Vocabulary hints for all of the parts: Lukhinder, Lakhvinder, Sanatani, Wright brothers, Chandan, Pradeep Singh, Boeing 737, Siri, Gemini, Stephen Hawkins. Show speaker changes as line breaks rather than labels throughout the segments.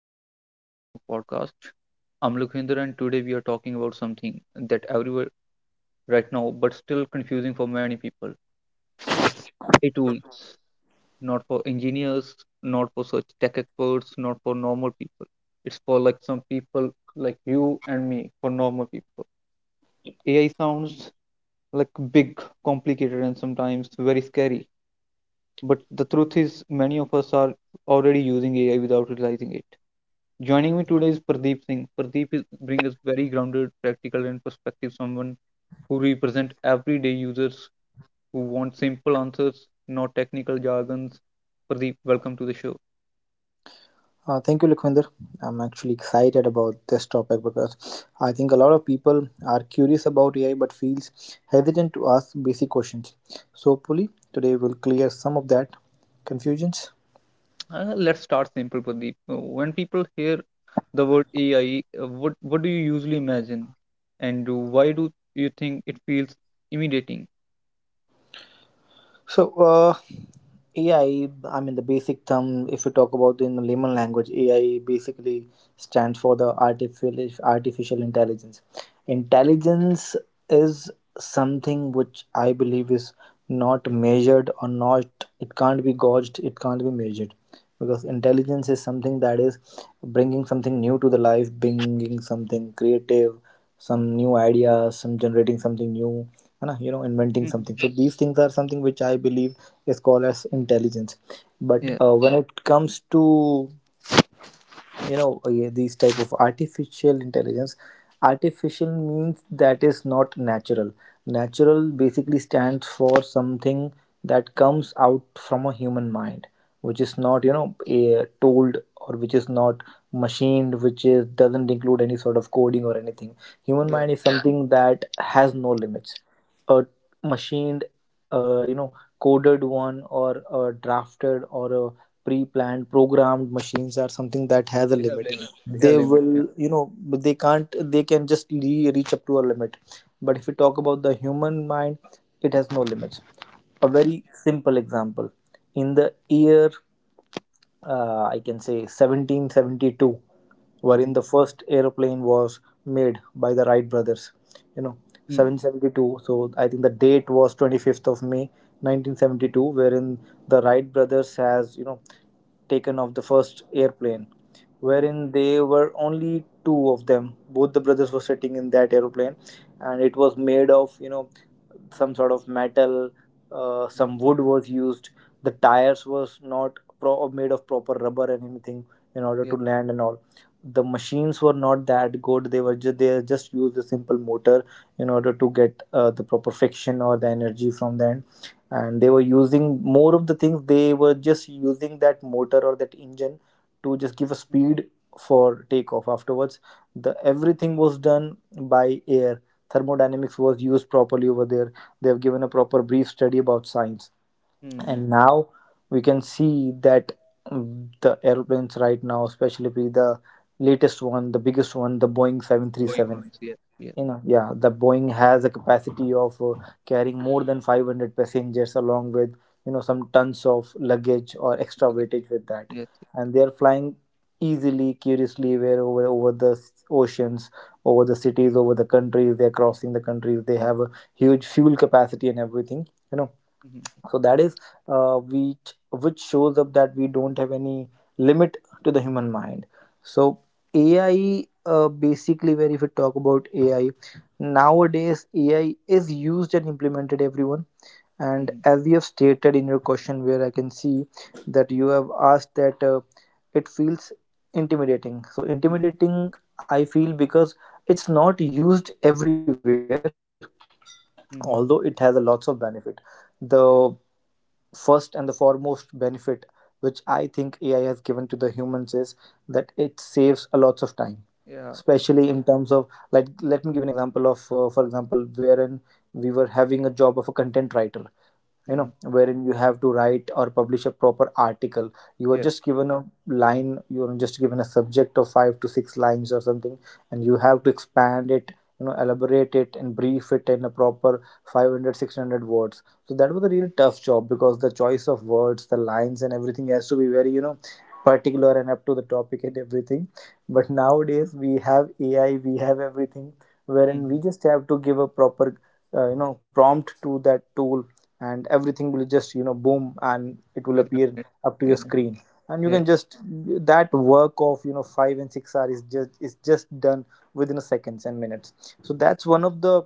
another episode of our podcast. I'm Lukhinder and today we are talking about something that everywhere right now but still confusing for many people. It's a
Uh,
tool not for engineers, not for such tech experts, not for normal people. It's for like some people like you and me, for normal people. AI sounds like big, complicated and sometimes very scary. But the truth is many of us are already using AI without realizing it. Joining me today is Pradeep Singh. Pradeep is, brings us very grounded, practical, and perspective someone who represent everyday users who want simple answers, not technical jargons. Pradeep, welcome to the show.
Thank you, Lakhvinder. I'm actually excited about this topic because I think a lot of people are curious about AI but feels hesitant to ask basic questions. So hopefully today we'll clear some of that confusions.
Let's start simple, Pradeep. When people hear the word AI, what do you usually imagine, and why do you think it feels intimidating?
So uh, AI, I mean the basic term, if you talk about in layman language, AI basically stands for the artificial intelligence. Intelligence is something which I believe is not measured or not, it can't be gauged, it can't be measured. Because
Mm,
intelligence is something that is bringing something new to the life, bringing something creative, some new ideas, some generating something new, है ना,
mm,
inventing
mm,
something.
mm.
So these things are something which I believe is called as intelligence. But
Yeah,
when it comes to these type of artificial intelligence, artificial means that is not natural, natural basically stands for something that comes out from a human mind which is not a, told or which is not machined, which is doesn't include any sort of coding or anything. Human
yeah,
mind is something that has no limits. A machined, uh, you know, coded one or a drafted or a pre-planned, programmed machines are something that has a
they have
limit.
limit. They have
They
limit. Yeah,
will, you know, but they can't. They can just reach up to a limit. But if you talk about the human mind, it has no limits. A
yeah.
very simple example: in the year I can say 1772, wherein the
Mm.
first aeroplane was made by the Wright brothers. You know,
Mm.
1772. So I think the date was 25th of May 1972, wherein the Wright brothers has you know taken off the first airplane,
Mm.
wherein they were only two of them. Both the brothers were sitting in that airplane, and it was made of you know some sort of metal,
Mm,
some
mm.
wood was used, the tires was not pro- made of proper rubber and anything in order to
Yes.
land and all. The machines were not that good, they just used a simple motor in order to get the proper friction or the energy from them, and they were using more of the things, they were just using that motor or that engine to just give a speed for takeoff. Afterwards the everything was done by air. Thermodynamics was used properly over there, they have given a proper brief study about science.
Hmm.
And now we can see that, the airplanes right now, especially the latest one, the biggest one, the Boeing
Going on,
737,
yeah, yeah,
you know, yeah, the boeing has a capacity of carrying more than 500 passengers along with you know some tons of luggage or extra
okay,
weightage with that,
yes.
and they are flying easily curiously where over, over the oceans, over the cities, over the countries, they're crossing the countries, they have a huge fuel capacity and everything, you know.
Mhm,
So that is which shows up that we don't have any limit to the human mind. So AI, basically, where if we talk about AI, nowadays AI is used and implemented everyone. And
mhm,
as you have stated in your question, where I can see that you have asked that it feels intimidating. So,
mhm,
intimidating, I feel because it's not used everywhere,
mhm,
although it has a lots of benefit. The first and the foremost benefit which I think AI has given to the humans is that it saves a lot of time,
yeah,
especially in terms of like, let me give you an example of for example, wherein we were having a job of a content writer,
mhm,
you know, wherein you have to write or publish a proper article.
yeah,
You are just given a line, you are just given a subject of five to six lines or something, and you have to expand it, you know, elaborate it and brief it in a proper 500, 600 words. So that was a really tough job because the choice of words, the lines and everything has to be very you know particular and up to the topic and everything. But nowadays we have AI, we have everything, wherein we
mhm,
just have to give a proper you know prompt to that tool, and everything will just you know boom and it will
with no
appear
net,
up to your
yeah,
screen, and you
yeah,
can just, that work of you know 5 and 6 hours is just done within seconds and minutes. So that's one of the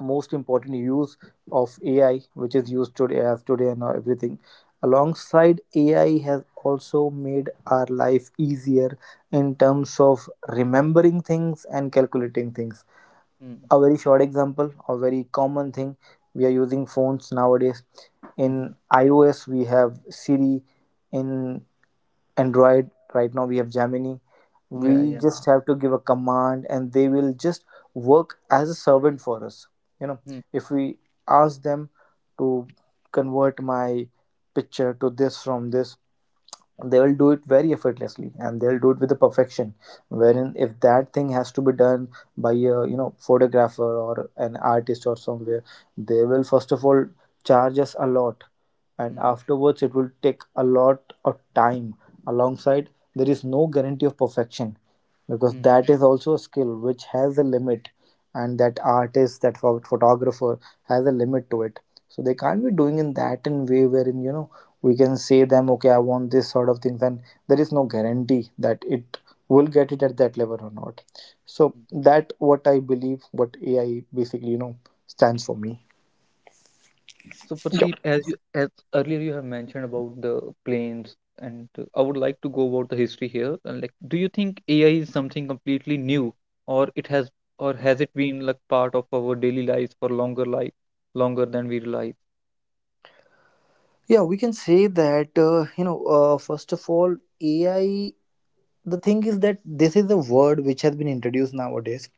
most important use of AI, which is used today as today and everything. Alongside, AI has also made our life easier in terms of remembering things and calculating things.
mhm,
A very short example, a very common thing, we are using phones nowadays. In
mhm,
iOS we have Siri, in
mm,
Android right now we have Gemini.
yeah,
We
yeah,
just have to give a command and they will just work as a servant for us, you know.
mhm,
If we ask them to convert my picture to this from this, they will do it very effortlessly and they'll do it with the perfection.
yeah.
Wherein if that thing has to be done by a you know photographer or an artist or somewhere, they will first of all charge us a lot, and
Mhm,
afterwards it will take a lot of time. Alongside, there is no guarantee of perfection because
mhm,
that is also a skill which has a limit, and that artist, photographer has a limit to it. So they can't be doing in that in way wherein you know we can say them okay I want this sort of things, and there is no guarantee that it will get it at that level or not. So
mhm.
that what I believe what AI basically you know stands for me.
So
Yep.
Pradeep, as you as earlier you have mentioned about the planes, and I would like to go about the history here. And like, do you think AI is something completely new, or it has, or has it been like part of our daily lives for longer life, longer than we realize?
Yeah, we can say that, first of all, AI, the thing is that this is a word which has been introduced nowadays,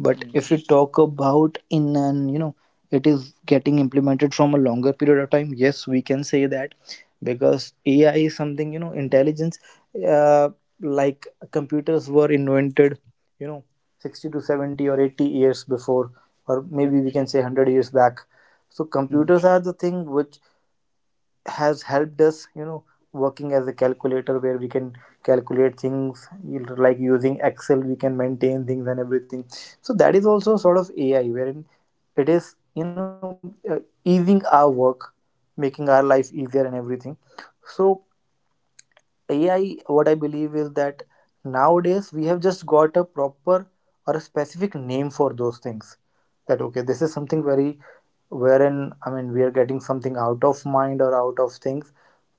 but
Mm,
if we talk about in an you know, it is getting implemented from a longer period of time, yes we can say that. Because AI is something you know intelligence, uh, like computers were invented, you know, 60 to 70 or 80 years before, or
mm,
maybe we can say 100 years back. So
mm,
computers are the thing which has helped us you know working as a calculator, where we can calculate things, you know, like using Excel we can maintain things and everything. So that is also sort of AI, wherein it is you know easing our work, making our life easier and everything. So AI, what I believe is that nowadays we have just got a proper or a specific name for those things. That okay, this is something very, wherein I mean we are getting something out of mind or out of things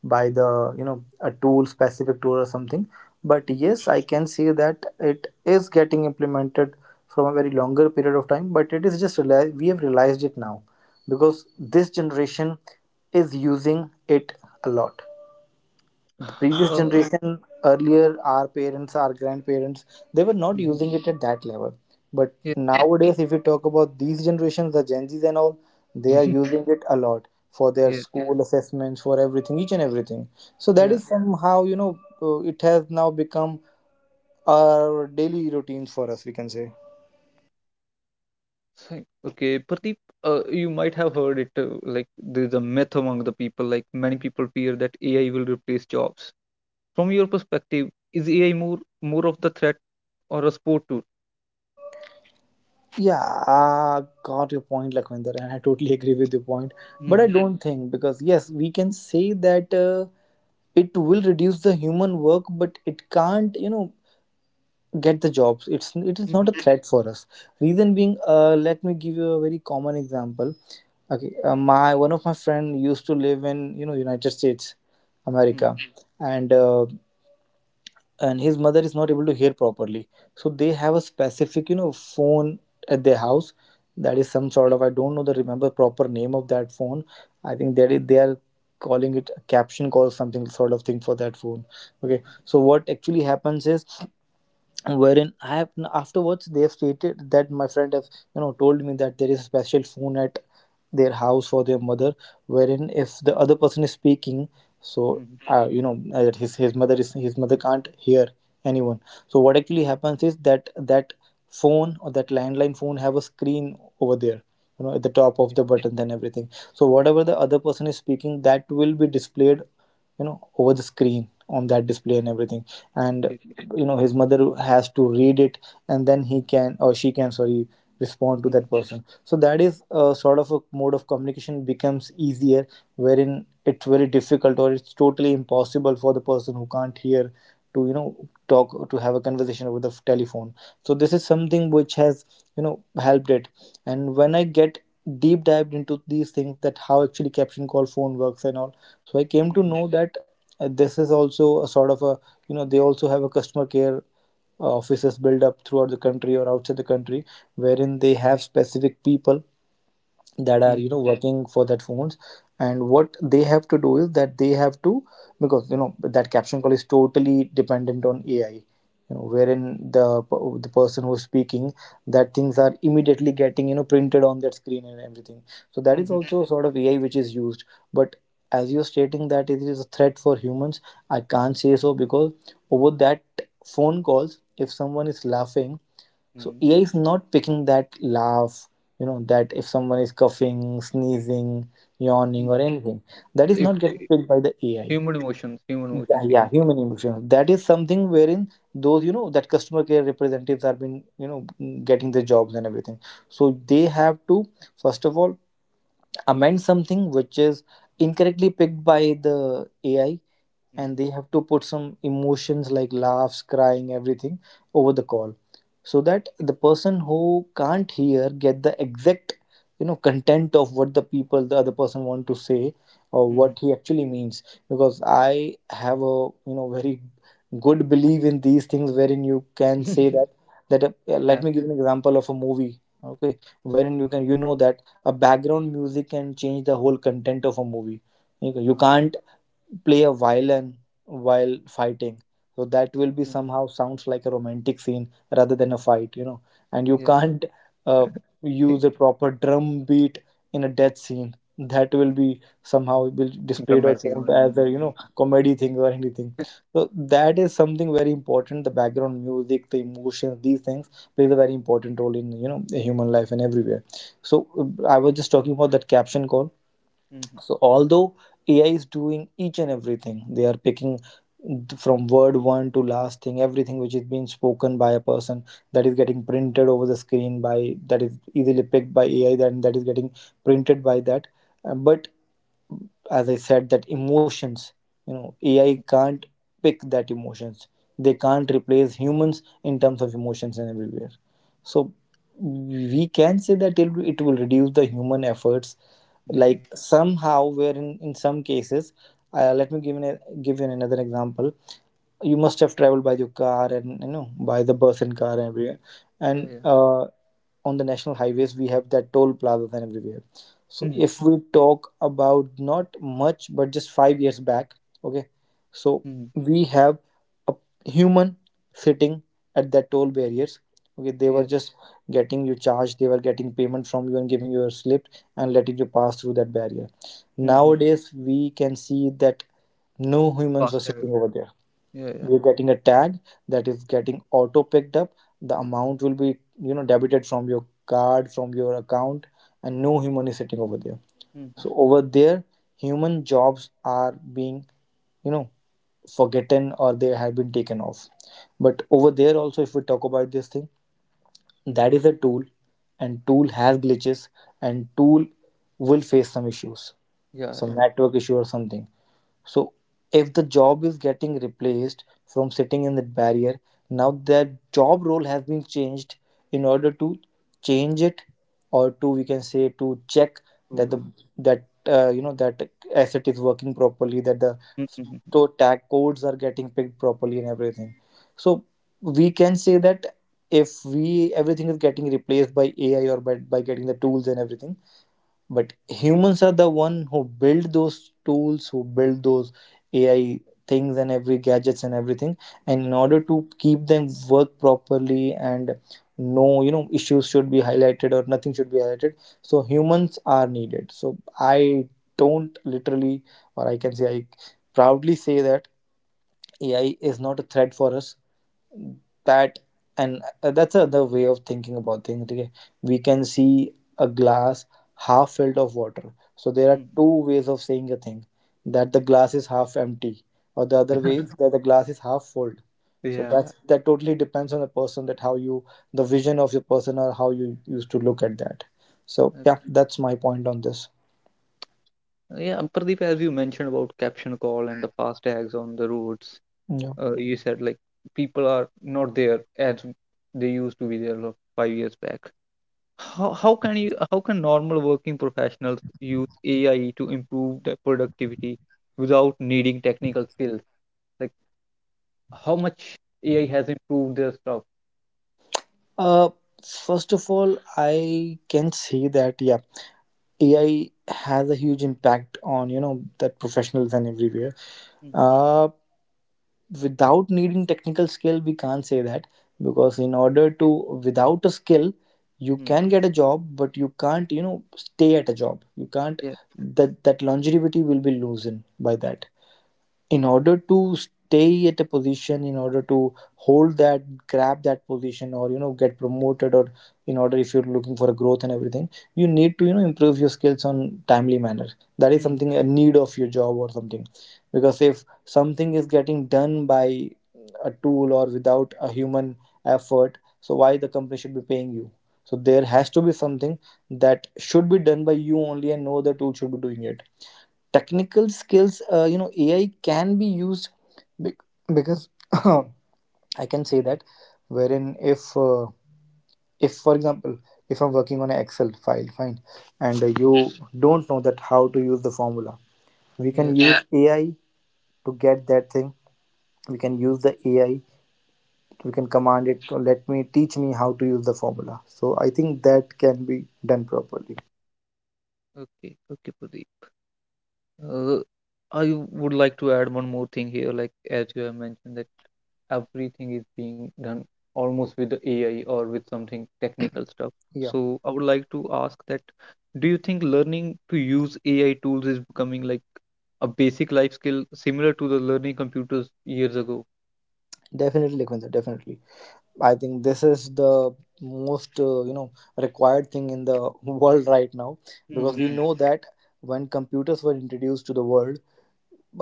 by the you know a tool, specific tool or something. But
mhm.
yes, I can see that it is getting implemented from a very longer period of time. But it is just realized, we have realized it now because this generation is using it a lot. The previous
Uh,
generation, earlier, our parents, our grandparents, they were not
mhm.
using it at that level. But
Yes, yes,
nowadays, if you talk about these generations, the Gen Z's and all, they are using it a lot for their
yes,
school assessments, for everything, each and everything. So that
yeah.
is somehow you know it has now become our daily routines for us, we can say.
So, okay, Pradeep, you might have heard it. Like there's a myth among the people. Like many people fear that AI will replace jobs. From your perspective, is AI more of the threat or a sport tool?
Yeah, I got your point, Lakwinder, and I totally agree with your point. But I
Mhm,
don't think, because yes we can say that it will reduce the human work, but it can't you know get the jobs. It's it is not
mhm,
a threat for us. Reason being, let me give you a very common example. Okay, my one of my friend used to live in you know United States,
mhm,
America. And and his mother is not able to hear properly. So they have a specific you know phone at their house. That is some sort of, I don't know the remember proper name of that phone, I think that they are calling it a caption call, something sort of thing for that phone. Okay, so what actually happens is, wherein I have afterwards, they have stated that my friend have you know told me that there is a special phone at their house for their mother, wherein if the other person is speaking, so
mhm.
that his mother is, his mother can't hear anyone. So what actually happens is that phone or that landline phone have a screen over there, at the top of
Okay,
the buttons and everything, so whatever the other person is speaking that will be displayed over the screen on that display and everything. And
okay, okay.
his mother has to read it, and then he can, or she can sorry, respond to
Mhm,
that person. So that is a sort of a mode of communication becomes easier, wherein it's very difficult or it's totally impossible for the person who can't hear to talk, to have a conversation over the telephone. So this is something which has helped it. And when I get deep dived into these things, that how actually caption call phone works and all, so I came to
mhm,
know that this is also a sort of a, they also have a customer care offices built up throughout the country or outside the country, wherein they have specific people that
mhm,
are working for that phones. And what they have to do is that they have to, because you know that caption call is totally dependent on AI, wherein the person who's speaking, that things are immediately getting printed on that screen and everything. So that is
mhm,
also sort of AI which is used. But as you're stating that it is a threat for humans, I can't say so, because over that phone calls, if someone is laughing, so
mhm,
AI is not picking that laugh, that if someone is coughing, sneezing, yawning,
mhm.
or anything, that is
If
not getting
if
picked by the AI.
human emotions, human
Yeah,
emotions, we
yeah,
can say.
human emotions. That is something wherein those, that customer care representatives are been, getting the jobs and everything. So they have to, first of all, amend something which is incorrectly picked by the AI, and
Mhm,
they have to put some emotions like laughs, crying, everything over the call, so that
okay.
the person who can't hear get the exact content of what the people, the other person want to say, or
Mhm,
what he actually means. Because I have a very good belief in these things, wherein you can say that let
yeah.
me give an example of a movie. Okay, wherein you know that a background music can change the whole content of a movie. You
Uh,
can't play a violin while fighting, so that will be
mm,
somehow sounds like a romantic scene rather than a fight, and you
yeah.
can't uh, use a proper drum beat in a death scene, that will be somehow will displayed or
Dramatic
shown
one.
as a comedy thing or anything.
Mhm.
So that is something very important, the background music, the emotions, these things plays a very important role in human life and everywhere. So I was just talking about that caption call.
Mhm.
So although AI is doing each and everything, they are picking from word one to last thing, everything which is being spoken by a person, that is getting printed over the screen by, that is easily picked by AI, then that is getting printed by that. But as I said, that emotions, AI can't pick that emotions. They can't replace humans in terms of emotions and everywhere. So we can say that it will reduce the human efforts,
Mhm.
like somehow, where in some cases, let me give you, give you another example. You must have traveled by your car and by the bus and car everywhere,
Yeah,
and
yeah.
on the national highways we have that toll plazas and everywhere. So
Mhm.
if we talk about not much, but just 5 years back, okay, so
Mhm.
we have a human sitting at the toll barriers. Okay, they were
Yes.
just getting you charged, they were getting payment from you and giving you a slip and letting you pass through that barrier.
Mhm.
Nowadays, we can see that no humans were sitting
Faster.
over there.
Yeah, yeah.
You're getting a tag that is getting auto picked up. The amount will be, debited from your card, from your account, and no human is sitting over there.
Mhm.
So over there, human jobs are being, you know, forgotten, or they have been taken off. But over there also, if we talk about this thing,
Mhm.
that is a tool, and tool has glitches, and tool will face some issues,
Yeah,
some
yeah.
network issue or something. So if the job is getting replaced from sitting in the barrier, now that job role has been changed in order to change it, or to, we can say, to check that
Prove
the
it.
that you know that asset is working properly, that the
Mhm. Mhm.
to tag codes are getting picked properly and everything. So we can say that if we everything is getting replaced by AI or by getting the tools and everything, but humans are the one who build those tools, who build those AI things and every gadgets and everything. And in order
Mhm.
to keep them work properly, and no issues should be highlighted or nothing should be highlighted, so humans are needed. So I don't literally, or I can say, I proudly say that AI is not a threat for us, that. And that's another way of thinking about things, okay? We can see a glass half filled of water. So there are
Mhm.
two ways of saying a thing, that the glass is half empty, or the other way is that the glass is half full. So
Yeah.
that's that, totally depends on the person, that how you, the vision of your person, or how you used to look at that. So
uh,
yeah, that's my point on this.
Yeah, Pradeep, as you mentioned about caption call and the fast tags on the roads,
Yeah.
you said like people are not there as they used to be there like, 5 years back. How can normal working professionals use AI to improve their productivity without needing technical skills? Like how much AI has improved their stuff?
Uh, first of all, I can say that yeah, AI has a huge impact on that professionals and everywhere. Uh, without needing technical skill we can't say that, because in order to, without a skill, you
Mm-hmm.
can get a job but you can't stay at a job, you can't,
Yes.
that longevity will be loosened by that. In order to stay at a position, in order to hold that, grab that position, or get promoted, or in order, if you're looking for a growth and everything, you need to improve your skills on timely manner, that is
Mm-hmm.
something a need of your job or something. Because if something is getting done by a tool or without a human effort, so why the company should be paying you? So there has to be something that should be done by you only and no other tool should be doing it. Technical skills, AI can be used, bec- because I can say that, wherein if for example, if I'm working on an excel file, fine, and you don't know that how to use the formula, we
Yeah.
can use AI to get that thing, we can use the AI, we can command it to let me teach me how to use the formula, so I think that can be done properly.
Okay. Okay, Pradeep. Uh, I would like to add one more thing here, like as you have mentioned that everything is being done almost with the AI or with something technical stuff.
Yeah,
So I would like to ask that do you think learning to use AI tools is becoming like a basic life skill similar to the learning computers years ago?
definitely Lakwinder, definitely I think this is the most required thing in the world right now. Because we
Hmm,
know that when computers were introduced to the world,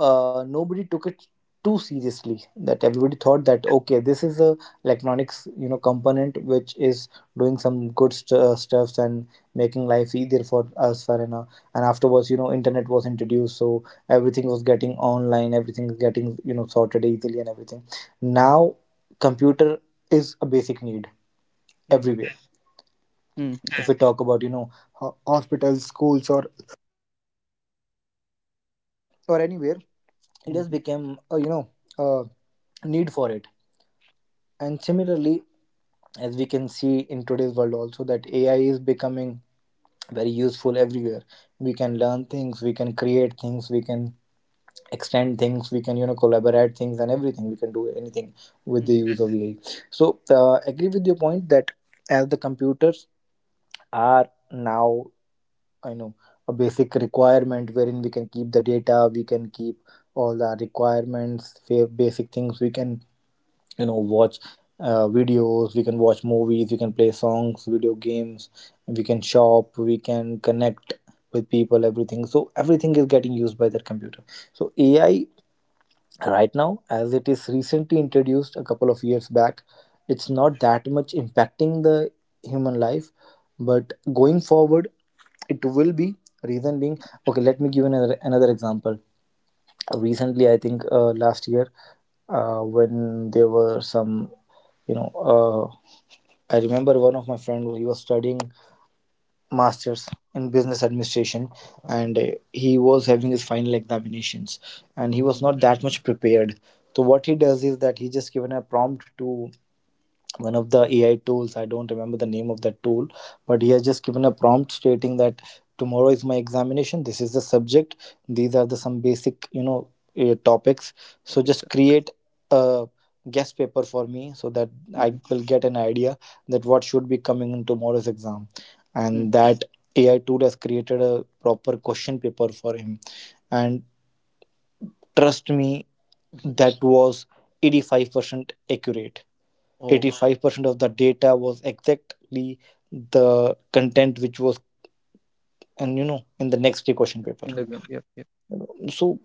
nobody took it too seriously, that everybody thought that okay, this is a electronics component which is doing some good stuffs and making life easier for us, and afterwards internet was introduced, so everything was getting online, everything is getting sorted easily and everything. Now computer is a basic need
hmm.
everywhere.
Mm-hmm.
If we talk about hospitals, schools, or anywhere, it has
Hmm,
become a need for it. And similarly, as we can see in today's world also, that AI is becoming very useful everywhere. We can learn things, we can create things, we can extend things, we can collaborate things and everything, we can do anything with the
hmm,
use of AI. So agree with your point that as the computers are now, I know, a basic requirement, wherein we can keep the data, we can keep all the requirements, basic things, we can watch videos, we can watch movies, we can play songs, video games, we can shop, we can connect with people, everything. So everything is getting used by their computer. So AI right now, as it is recently introduced a couple of years back, it's
hmm,
not that much impacting the human life, but going forward it will be, reason being, okay let me give another example. Recently I think last year, when there were some, you know uh, I remember one of my friend he was studying masters in business administration, and he was having his final examinations, and he was
hmm.
not that much prepared. So what he does is that he just given a prompt to one of the AI tools. I don't remember the name of that tool, but he has just given a prompt stating that tomorrow is my examination. This is the subject. These are the some basic, topics. So
Topics.
just create a guest paper for me so that I
Mm-hmm.
will get an idea that what should be coming in tomorrow's exam, and that AI tool has created a proper question paper for him. And trust me, that was 85% accurate.
Oh,
85% of the data was exactly the content which was, and you know in the next day question paper.
in the yeah, yeah.
So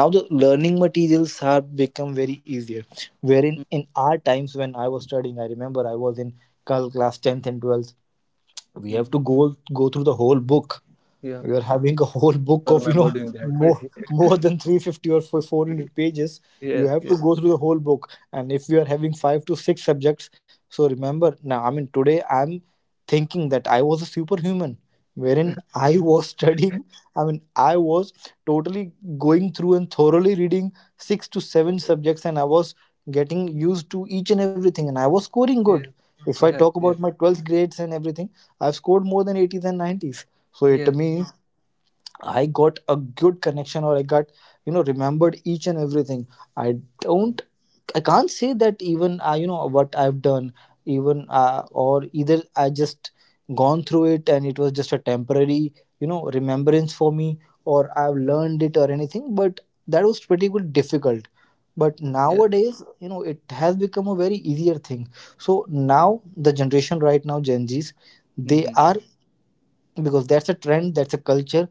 now the learning materials have become very easier, wherein in our times when I was studying, I remember I was in class 10th and 12th, we have
Mm-hmm.
to go through the whole book.
Yeah,
We are
yeah.
having a whole
I
book of
remember doing that.
more more than 350 or 400 pages.
Yes,
You have to
yes,
go through the whole book, and if you are having five to six subjects, so remember, now I mean today I'm thinking that I was a superhuman wherein I was studying. I mean I was totally going through and thoroughly reading six to seven subjects, and I was getting used to each and everything, and I was scoring good.
yes,
If I
yes,
talk about
yes,
my 12th grades and everything, I've scored more than 80s and 90s, so it
yes,
means I got a good connection or I got, remembered each and everything. I
mm,
don't, I can't say that even, what I've done, even, or either I just gone through it, and it was just a temporary, remembrance for me, or I've
mm,
learned it or anything, but that was pretty good difficult. But
yeah.
nowadays, it has become a very easier thing. So now the generation right now, Gen Zs, they
Mm-hmm.
are, because that's a trend, that's a culture,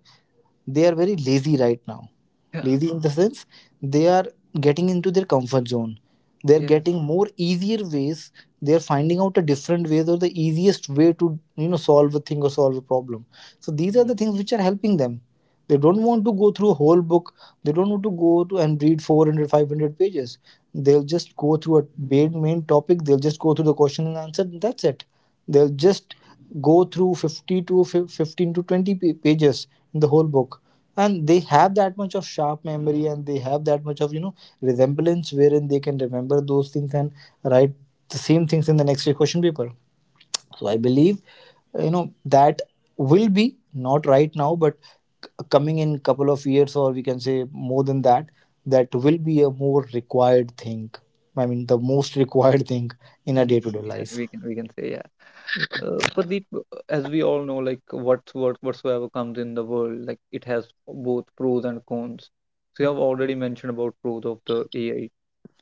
they are very lazy right now.
Yeah,
Lazy in the sense they are getting into their comfort zone, they're
yes.
getting more easier ways, they're finding out a different ways or the easiest way to solve a thing or solve a problem. So these are the
Mm-hmm.
things which are helping them. They don't want to go through a whole book, they don't want to go to and read 400, 500 pages. They'll just go through a main topic, they'll just go through the question and answer, and that's it. They'll
Yes.
just go through 50 to 15 to 20 pages in the whole book, and they have that much of sharp memory, and they have that much of resemblance wherein they can remember those things and write the same things in the next question paper. So I
Mm-hmm.
believe uh, you know that will be not right now, but c- coming in couple of years, or we can say more than that, that will be a more required thing. I mean the most required thing in a day to day
Yeah,
life.
we can say yeah. Pradeep, as we all know, like what's what whatsoever comes in the world, like it has both pros and cons. So you have already mentioned about pros of the AI.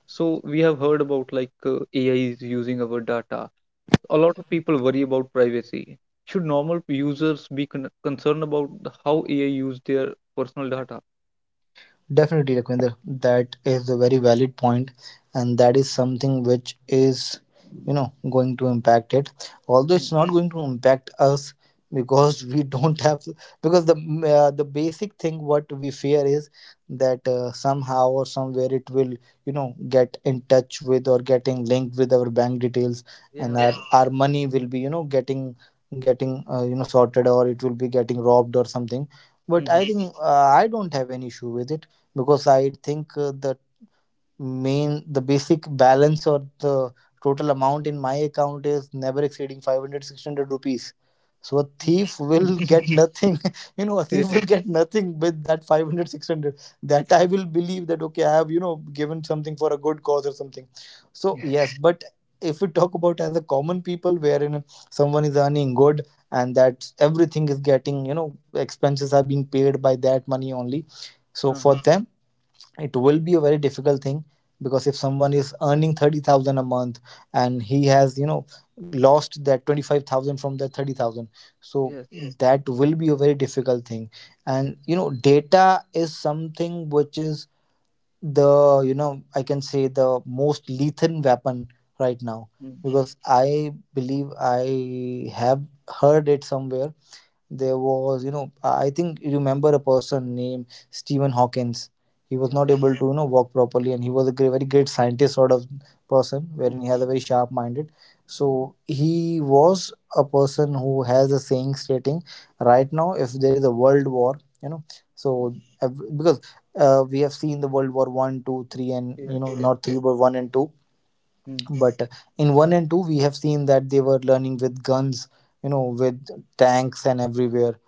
So we have heard about like AI is using our data. A lot of people worry about privacy. Should normal users be concerned about how AI use their personal data?
Definitely, Lakwinder, that is a very valid point, and that is something which is, going to impact it. Although
Mm.
it's not going to impact us because we don't have, because the basic thing what we fear is that somehow or somewhere it will get in touch with or getting linked with our bank details, and our
Yeah.
our money will be getting sorted, or it will be getting robbed or something. But
Mhm.
I think I don't have any issue with it, because I think the basic balance, or the total amount in my account is never exceeding 500 600 rupees. So a thief
Mm.
will get nothing a
Yeah.
thief will get nothing with that 500 600. That I will believe that okay, I have given something for a good cause or something. So
Yeah.
yes, but if we talk about as a common people wherein someone is earning good, and that everything is getting, expenses are being paid by that money only. So for
Uh-huh.
them it will be a very difficult thing, because if someone is earning 30,000 a month, and he has lost that 25,000 from that 30,000, so
Yes.
That will be a very difficult thing. And data is something which is the, I can say, the most lethal weapon right now.
Mm.
Because I believe I have heard it somewhere. There was, I think you remember a person named Stephen Hawkins. He was
Yeah.
not
Yeah.
able to, walk properly, and he was a very great scientist sort of person,
Mm.
wherein he has a very sharp minded. So he was a person who has a saying stating, right now, if there is a world war,
Mhm.
so because we have seen the World War One, Two, Three, and
Yes. Yes.
not three, but one and two.
Mm.
But in one and two, we have seen that they were learning with guns, with tanks and everywhere.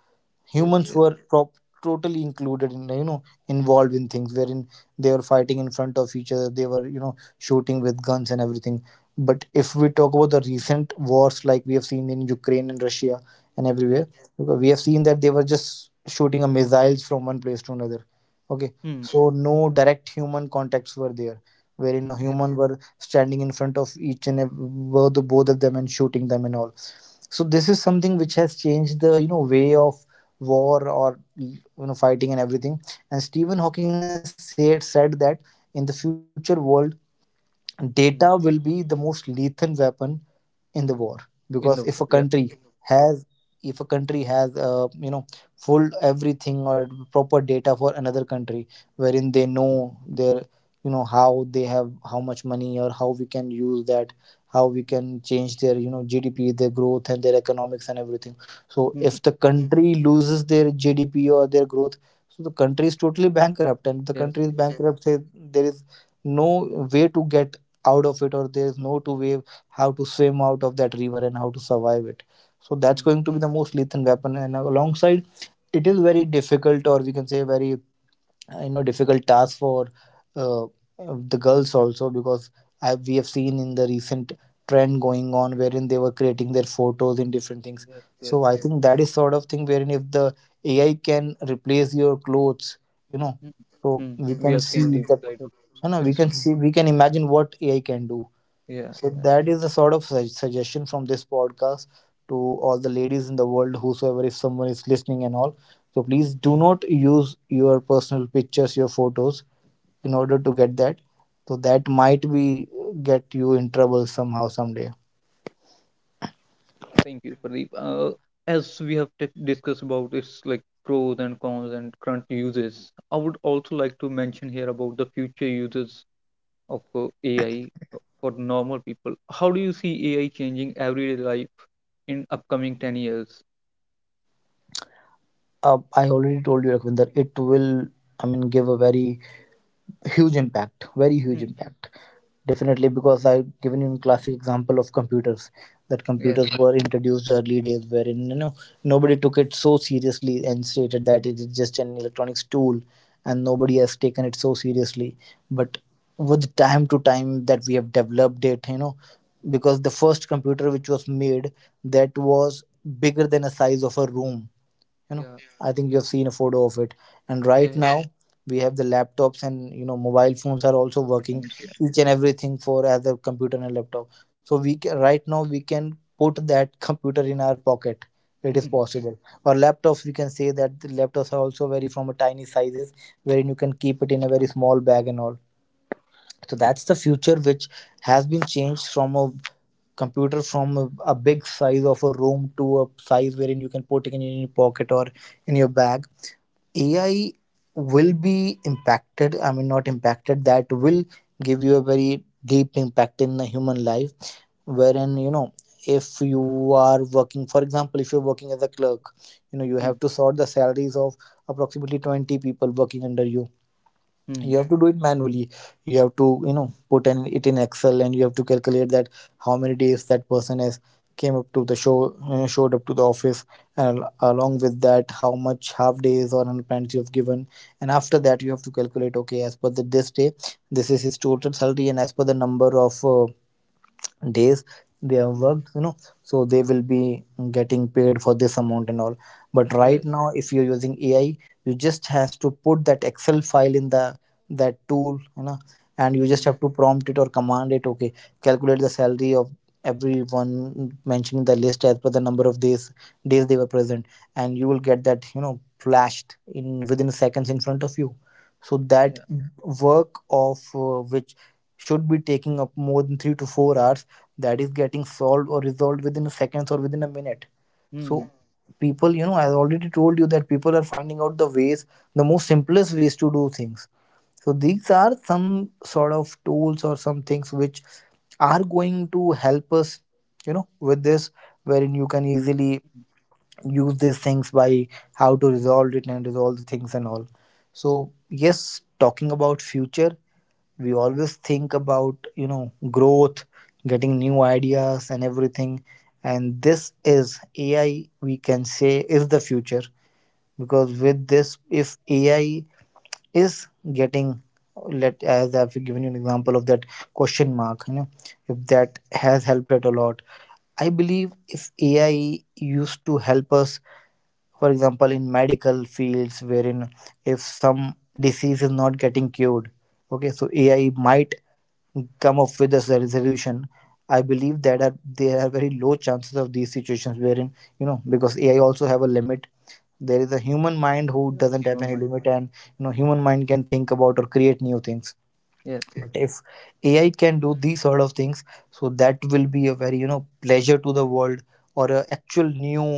Yes.
Humans
Yes.
were totally included in, involved in things wherein they were fighting in front of each other, they were shooting with guns and everything. But if we talk about the recent wars, like we have seen in Ukraine and Russia and
Yeah.
everywhere. Okay, we have seen that they were just shooting a missiles from one place to another. Okay.
Mm.
So no direct human contacts were there, wherein a
Yeah.
human were standing in front of both of them and shooting them and all. So this is something which has changed the, way of war or, fighting and everything. And Stephen Hawking has said that in the future world, data will be
Mm.
the most lethal weapon in the war. Because
In the world. Yeah.
has if a country has full everything or proper data for another country, wherein they know their, how they have, how much money, or how we can use that, how we can change their, GDP, their growth and their economics and everything. So if
Mm.
the
Mhm.
country loses their GDP or their growth, so the country is totally bankrupt. And if the country
Yes.
is
Yes.
bankrupt say, there is no way to get out of it, or there's no to way how to swim out of that river and how to survive it. So that's
Mm.
going to be the most lethal weapon. And alongside, it is very difficult, or we can say very, difficult task for, uh, the girls also, because we have seen in the recent trend going on wherein they were creating their photos in different things.
Yes. Yes.
So I
Yes.
think that is sort of thing wherein if the AI can replace your clothes, you know
Mm.
so
Mm.
we
We
can
have
see
seen these
that
side of
you know we
Insta.
can see we can imagine what AI can do.
Yeah.
So
Yeah.
that is the sort of suggestion from this podcast to all the ladies in the world, whosoever, if someone is listening and all. So please
Mm.
do not use your personal pictures, your photos, in order to get that. So that might be get you in trouble somehow someday.
Thank you, Pradeep. As we have discussed about its like pros and cons and current uses, I would also like to mention here about the future uses of AI for normal people. How do you see AI changing everyday life in upcoming 10 years?
I already told you, Rakhvinder. It will, I mean, give a very huge impact, very huge
Hmm.
impact, definitely. Because I've given you a classic example of computers, that
Yeah,
computers were introduced early days wherein nobody took it so seriously, and stated that it is just an electronics tool, and nobody has taken it so seriously. But with time to time that we have developed it, because the first computer which was made, that was bigger than a size of a room. you know
yeah,
I think you have seen a photo of it. And
yeah.
right
It
now, yeah. We have the laptops, and you know, mobile phones are also working
comes yeah.
each and everything for as a computer and a laptop. So we can, right now we can put that computer in our pocket. It is
Mm-hmm.
possible. Or laptops, we can say that the laptops are also very from a tiny sizes, wherein you can keep it in a very small bag and all. So that's the future which has been changed from a computer from a big size of a room to a size wherein you can put it in your pocket or in your bag. AI will be impacted, I mean not impacted, that will give you a very deep impact in the human life, wherein you know, if you are working, for example, if you're working as a clerk, you know, you
Hmm,
have to sort the salaries of approximately 20 people working under you.
hmm,
You have to do it manually. You have to, you know, put an, it in excel, and you have to calculate that how many days that person has came up to the show, showed up to the office, and along with that how much half days or unplanned you have given. And after that you have to calculate, okay, as per the this day, this is his total salary, and as per the number of days they have
hmm,
worked, you know, so they will be getting paid for this amount and all. But
hmm. Yeah.
right now if you're using AI, you just has to put that excel file in the that tool, you know, and you just
Hmm.
have to prompt it or command it, okay, calculate the salary of everyone mentioning the list as per the number of days they were present, and you will get that, you know, flashed in within seconds in front of you. So that
Yeah.
work of which should be taking up more than 3 to 4 hours, that is getting solved or resolved within seconds or within a minute.
Hmm,
So people, you know, I already told you that people are finding out the ways, the most simplest ways to do things. So these are some sort of tools or some things which are going to help us, you know, with this, wherein you can easily use these things by how to resolve it and resolve the things and all. So yes, talking about future, we always think about, you know, growth, getting new ideas and everything. And this is AI, we can say, is the future, because with this, if AI is getting, let as I've given you an example of that question mark, you know, if
mhm.
that has helped it a lot. I believe if AI used to help us, for example, in medical fields, wherein if some disease is not getting cured, okay, so AI might come up with a resolution. I believe that are there are very low chances of these situations, wherein you know, because AI also have a limit. There is a human mind who
Yeah.
doesn't have
Came on
any
mind.
limit, and you know, human mind can think about or create new things.
Yes,
But
yes,
if AI can do these sort of things, so that will be a very, you know, pleasure to the world, or a actual new,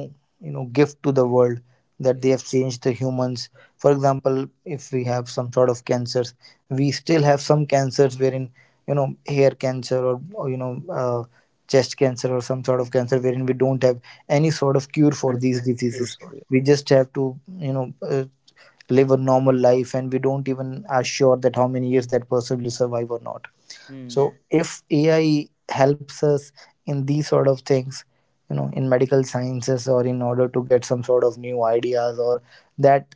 you know, gift to the world that they
yes.
have changed the humans. For example, if we have some sort of cancers, we still have some cancers wherein, you know, hair cancer or, you know, uh, chest cancer or some sort of
Hmm.
cancer wherein we don't have any sort of cure for
And
these
pure
diseases.
soul. Yes.
We
Yes.
just have to, you know, live a normal life, and we don't even are sure that how many years that person will survive or not. So
Hmm.
if AI helps us in these sort of things, you know, in medical sciences or in order to get some sort of new ideas or that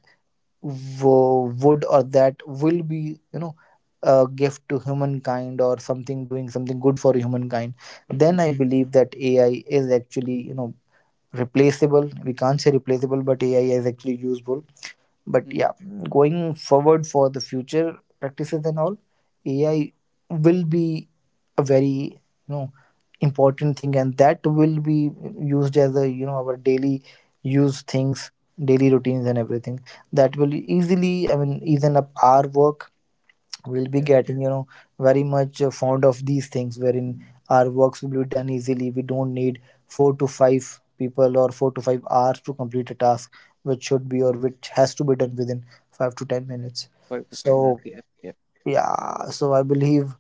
would, or that will be, you know, a gift to humankind, or something doing something good for humankind, then I
Hmm,
believe that AI is actually, you know, replaceable, we can't say replaceable, but AI is actually useful. But
hmm.
yeah, going forward for the future practices and all, AI will be a very, you know, important thing, and that will be used as a, you know, our daily use things, daily routines, and everything. That will easily, I mean, easen up our work. We'll be
Yeah.
getting, you know, very much fond of these things, wherein our works will be done easily. We don't need four to five people or 4 to 5 hours to complete a task which should be or
Hmm.
which has to be done within 5 to 10 minutes.
Five to
So
ten minutes. Yeah. Yeah.
yeah, so I believe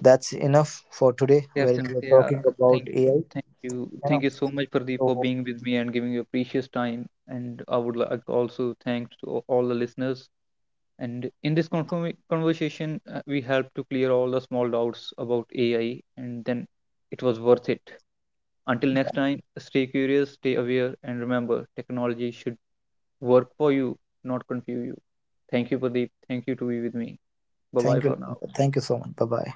that's enough for today,
Yeah,
wherein we're
absolutely.
talking about
Thank you,
AI,
thank you,
you
thank
know.
you so much, Pradeep, for
So
being with me and giving your precious time. And I would like also thank to all the listeners. And in this conversation, we helped to clear all the small doubts about AI, and then it was worth it. Until next time, stay curious, stay aware, and remember, technology should work for you, not confuse you. Thank you, Pradeep. Thank you to be with me. Bye bye
thank you,
for now.
thank you so much, bye bye.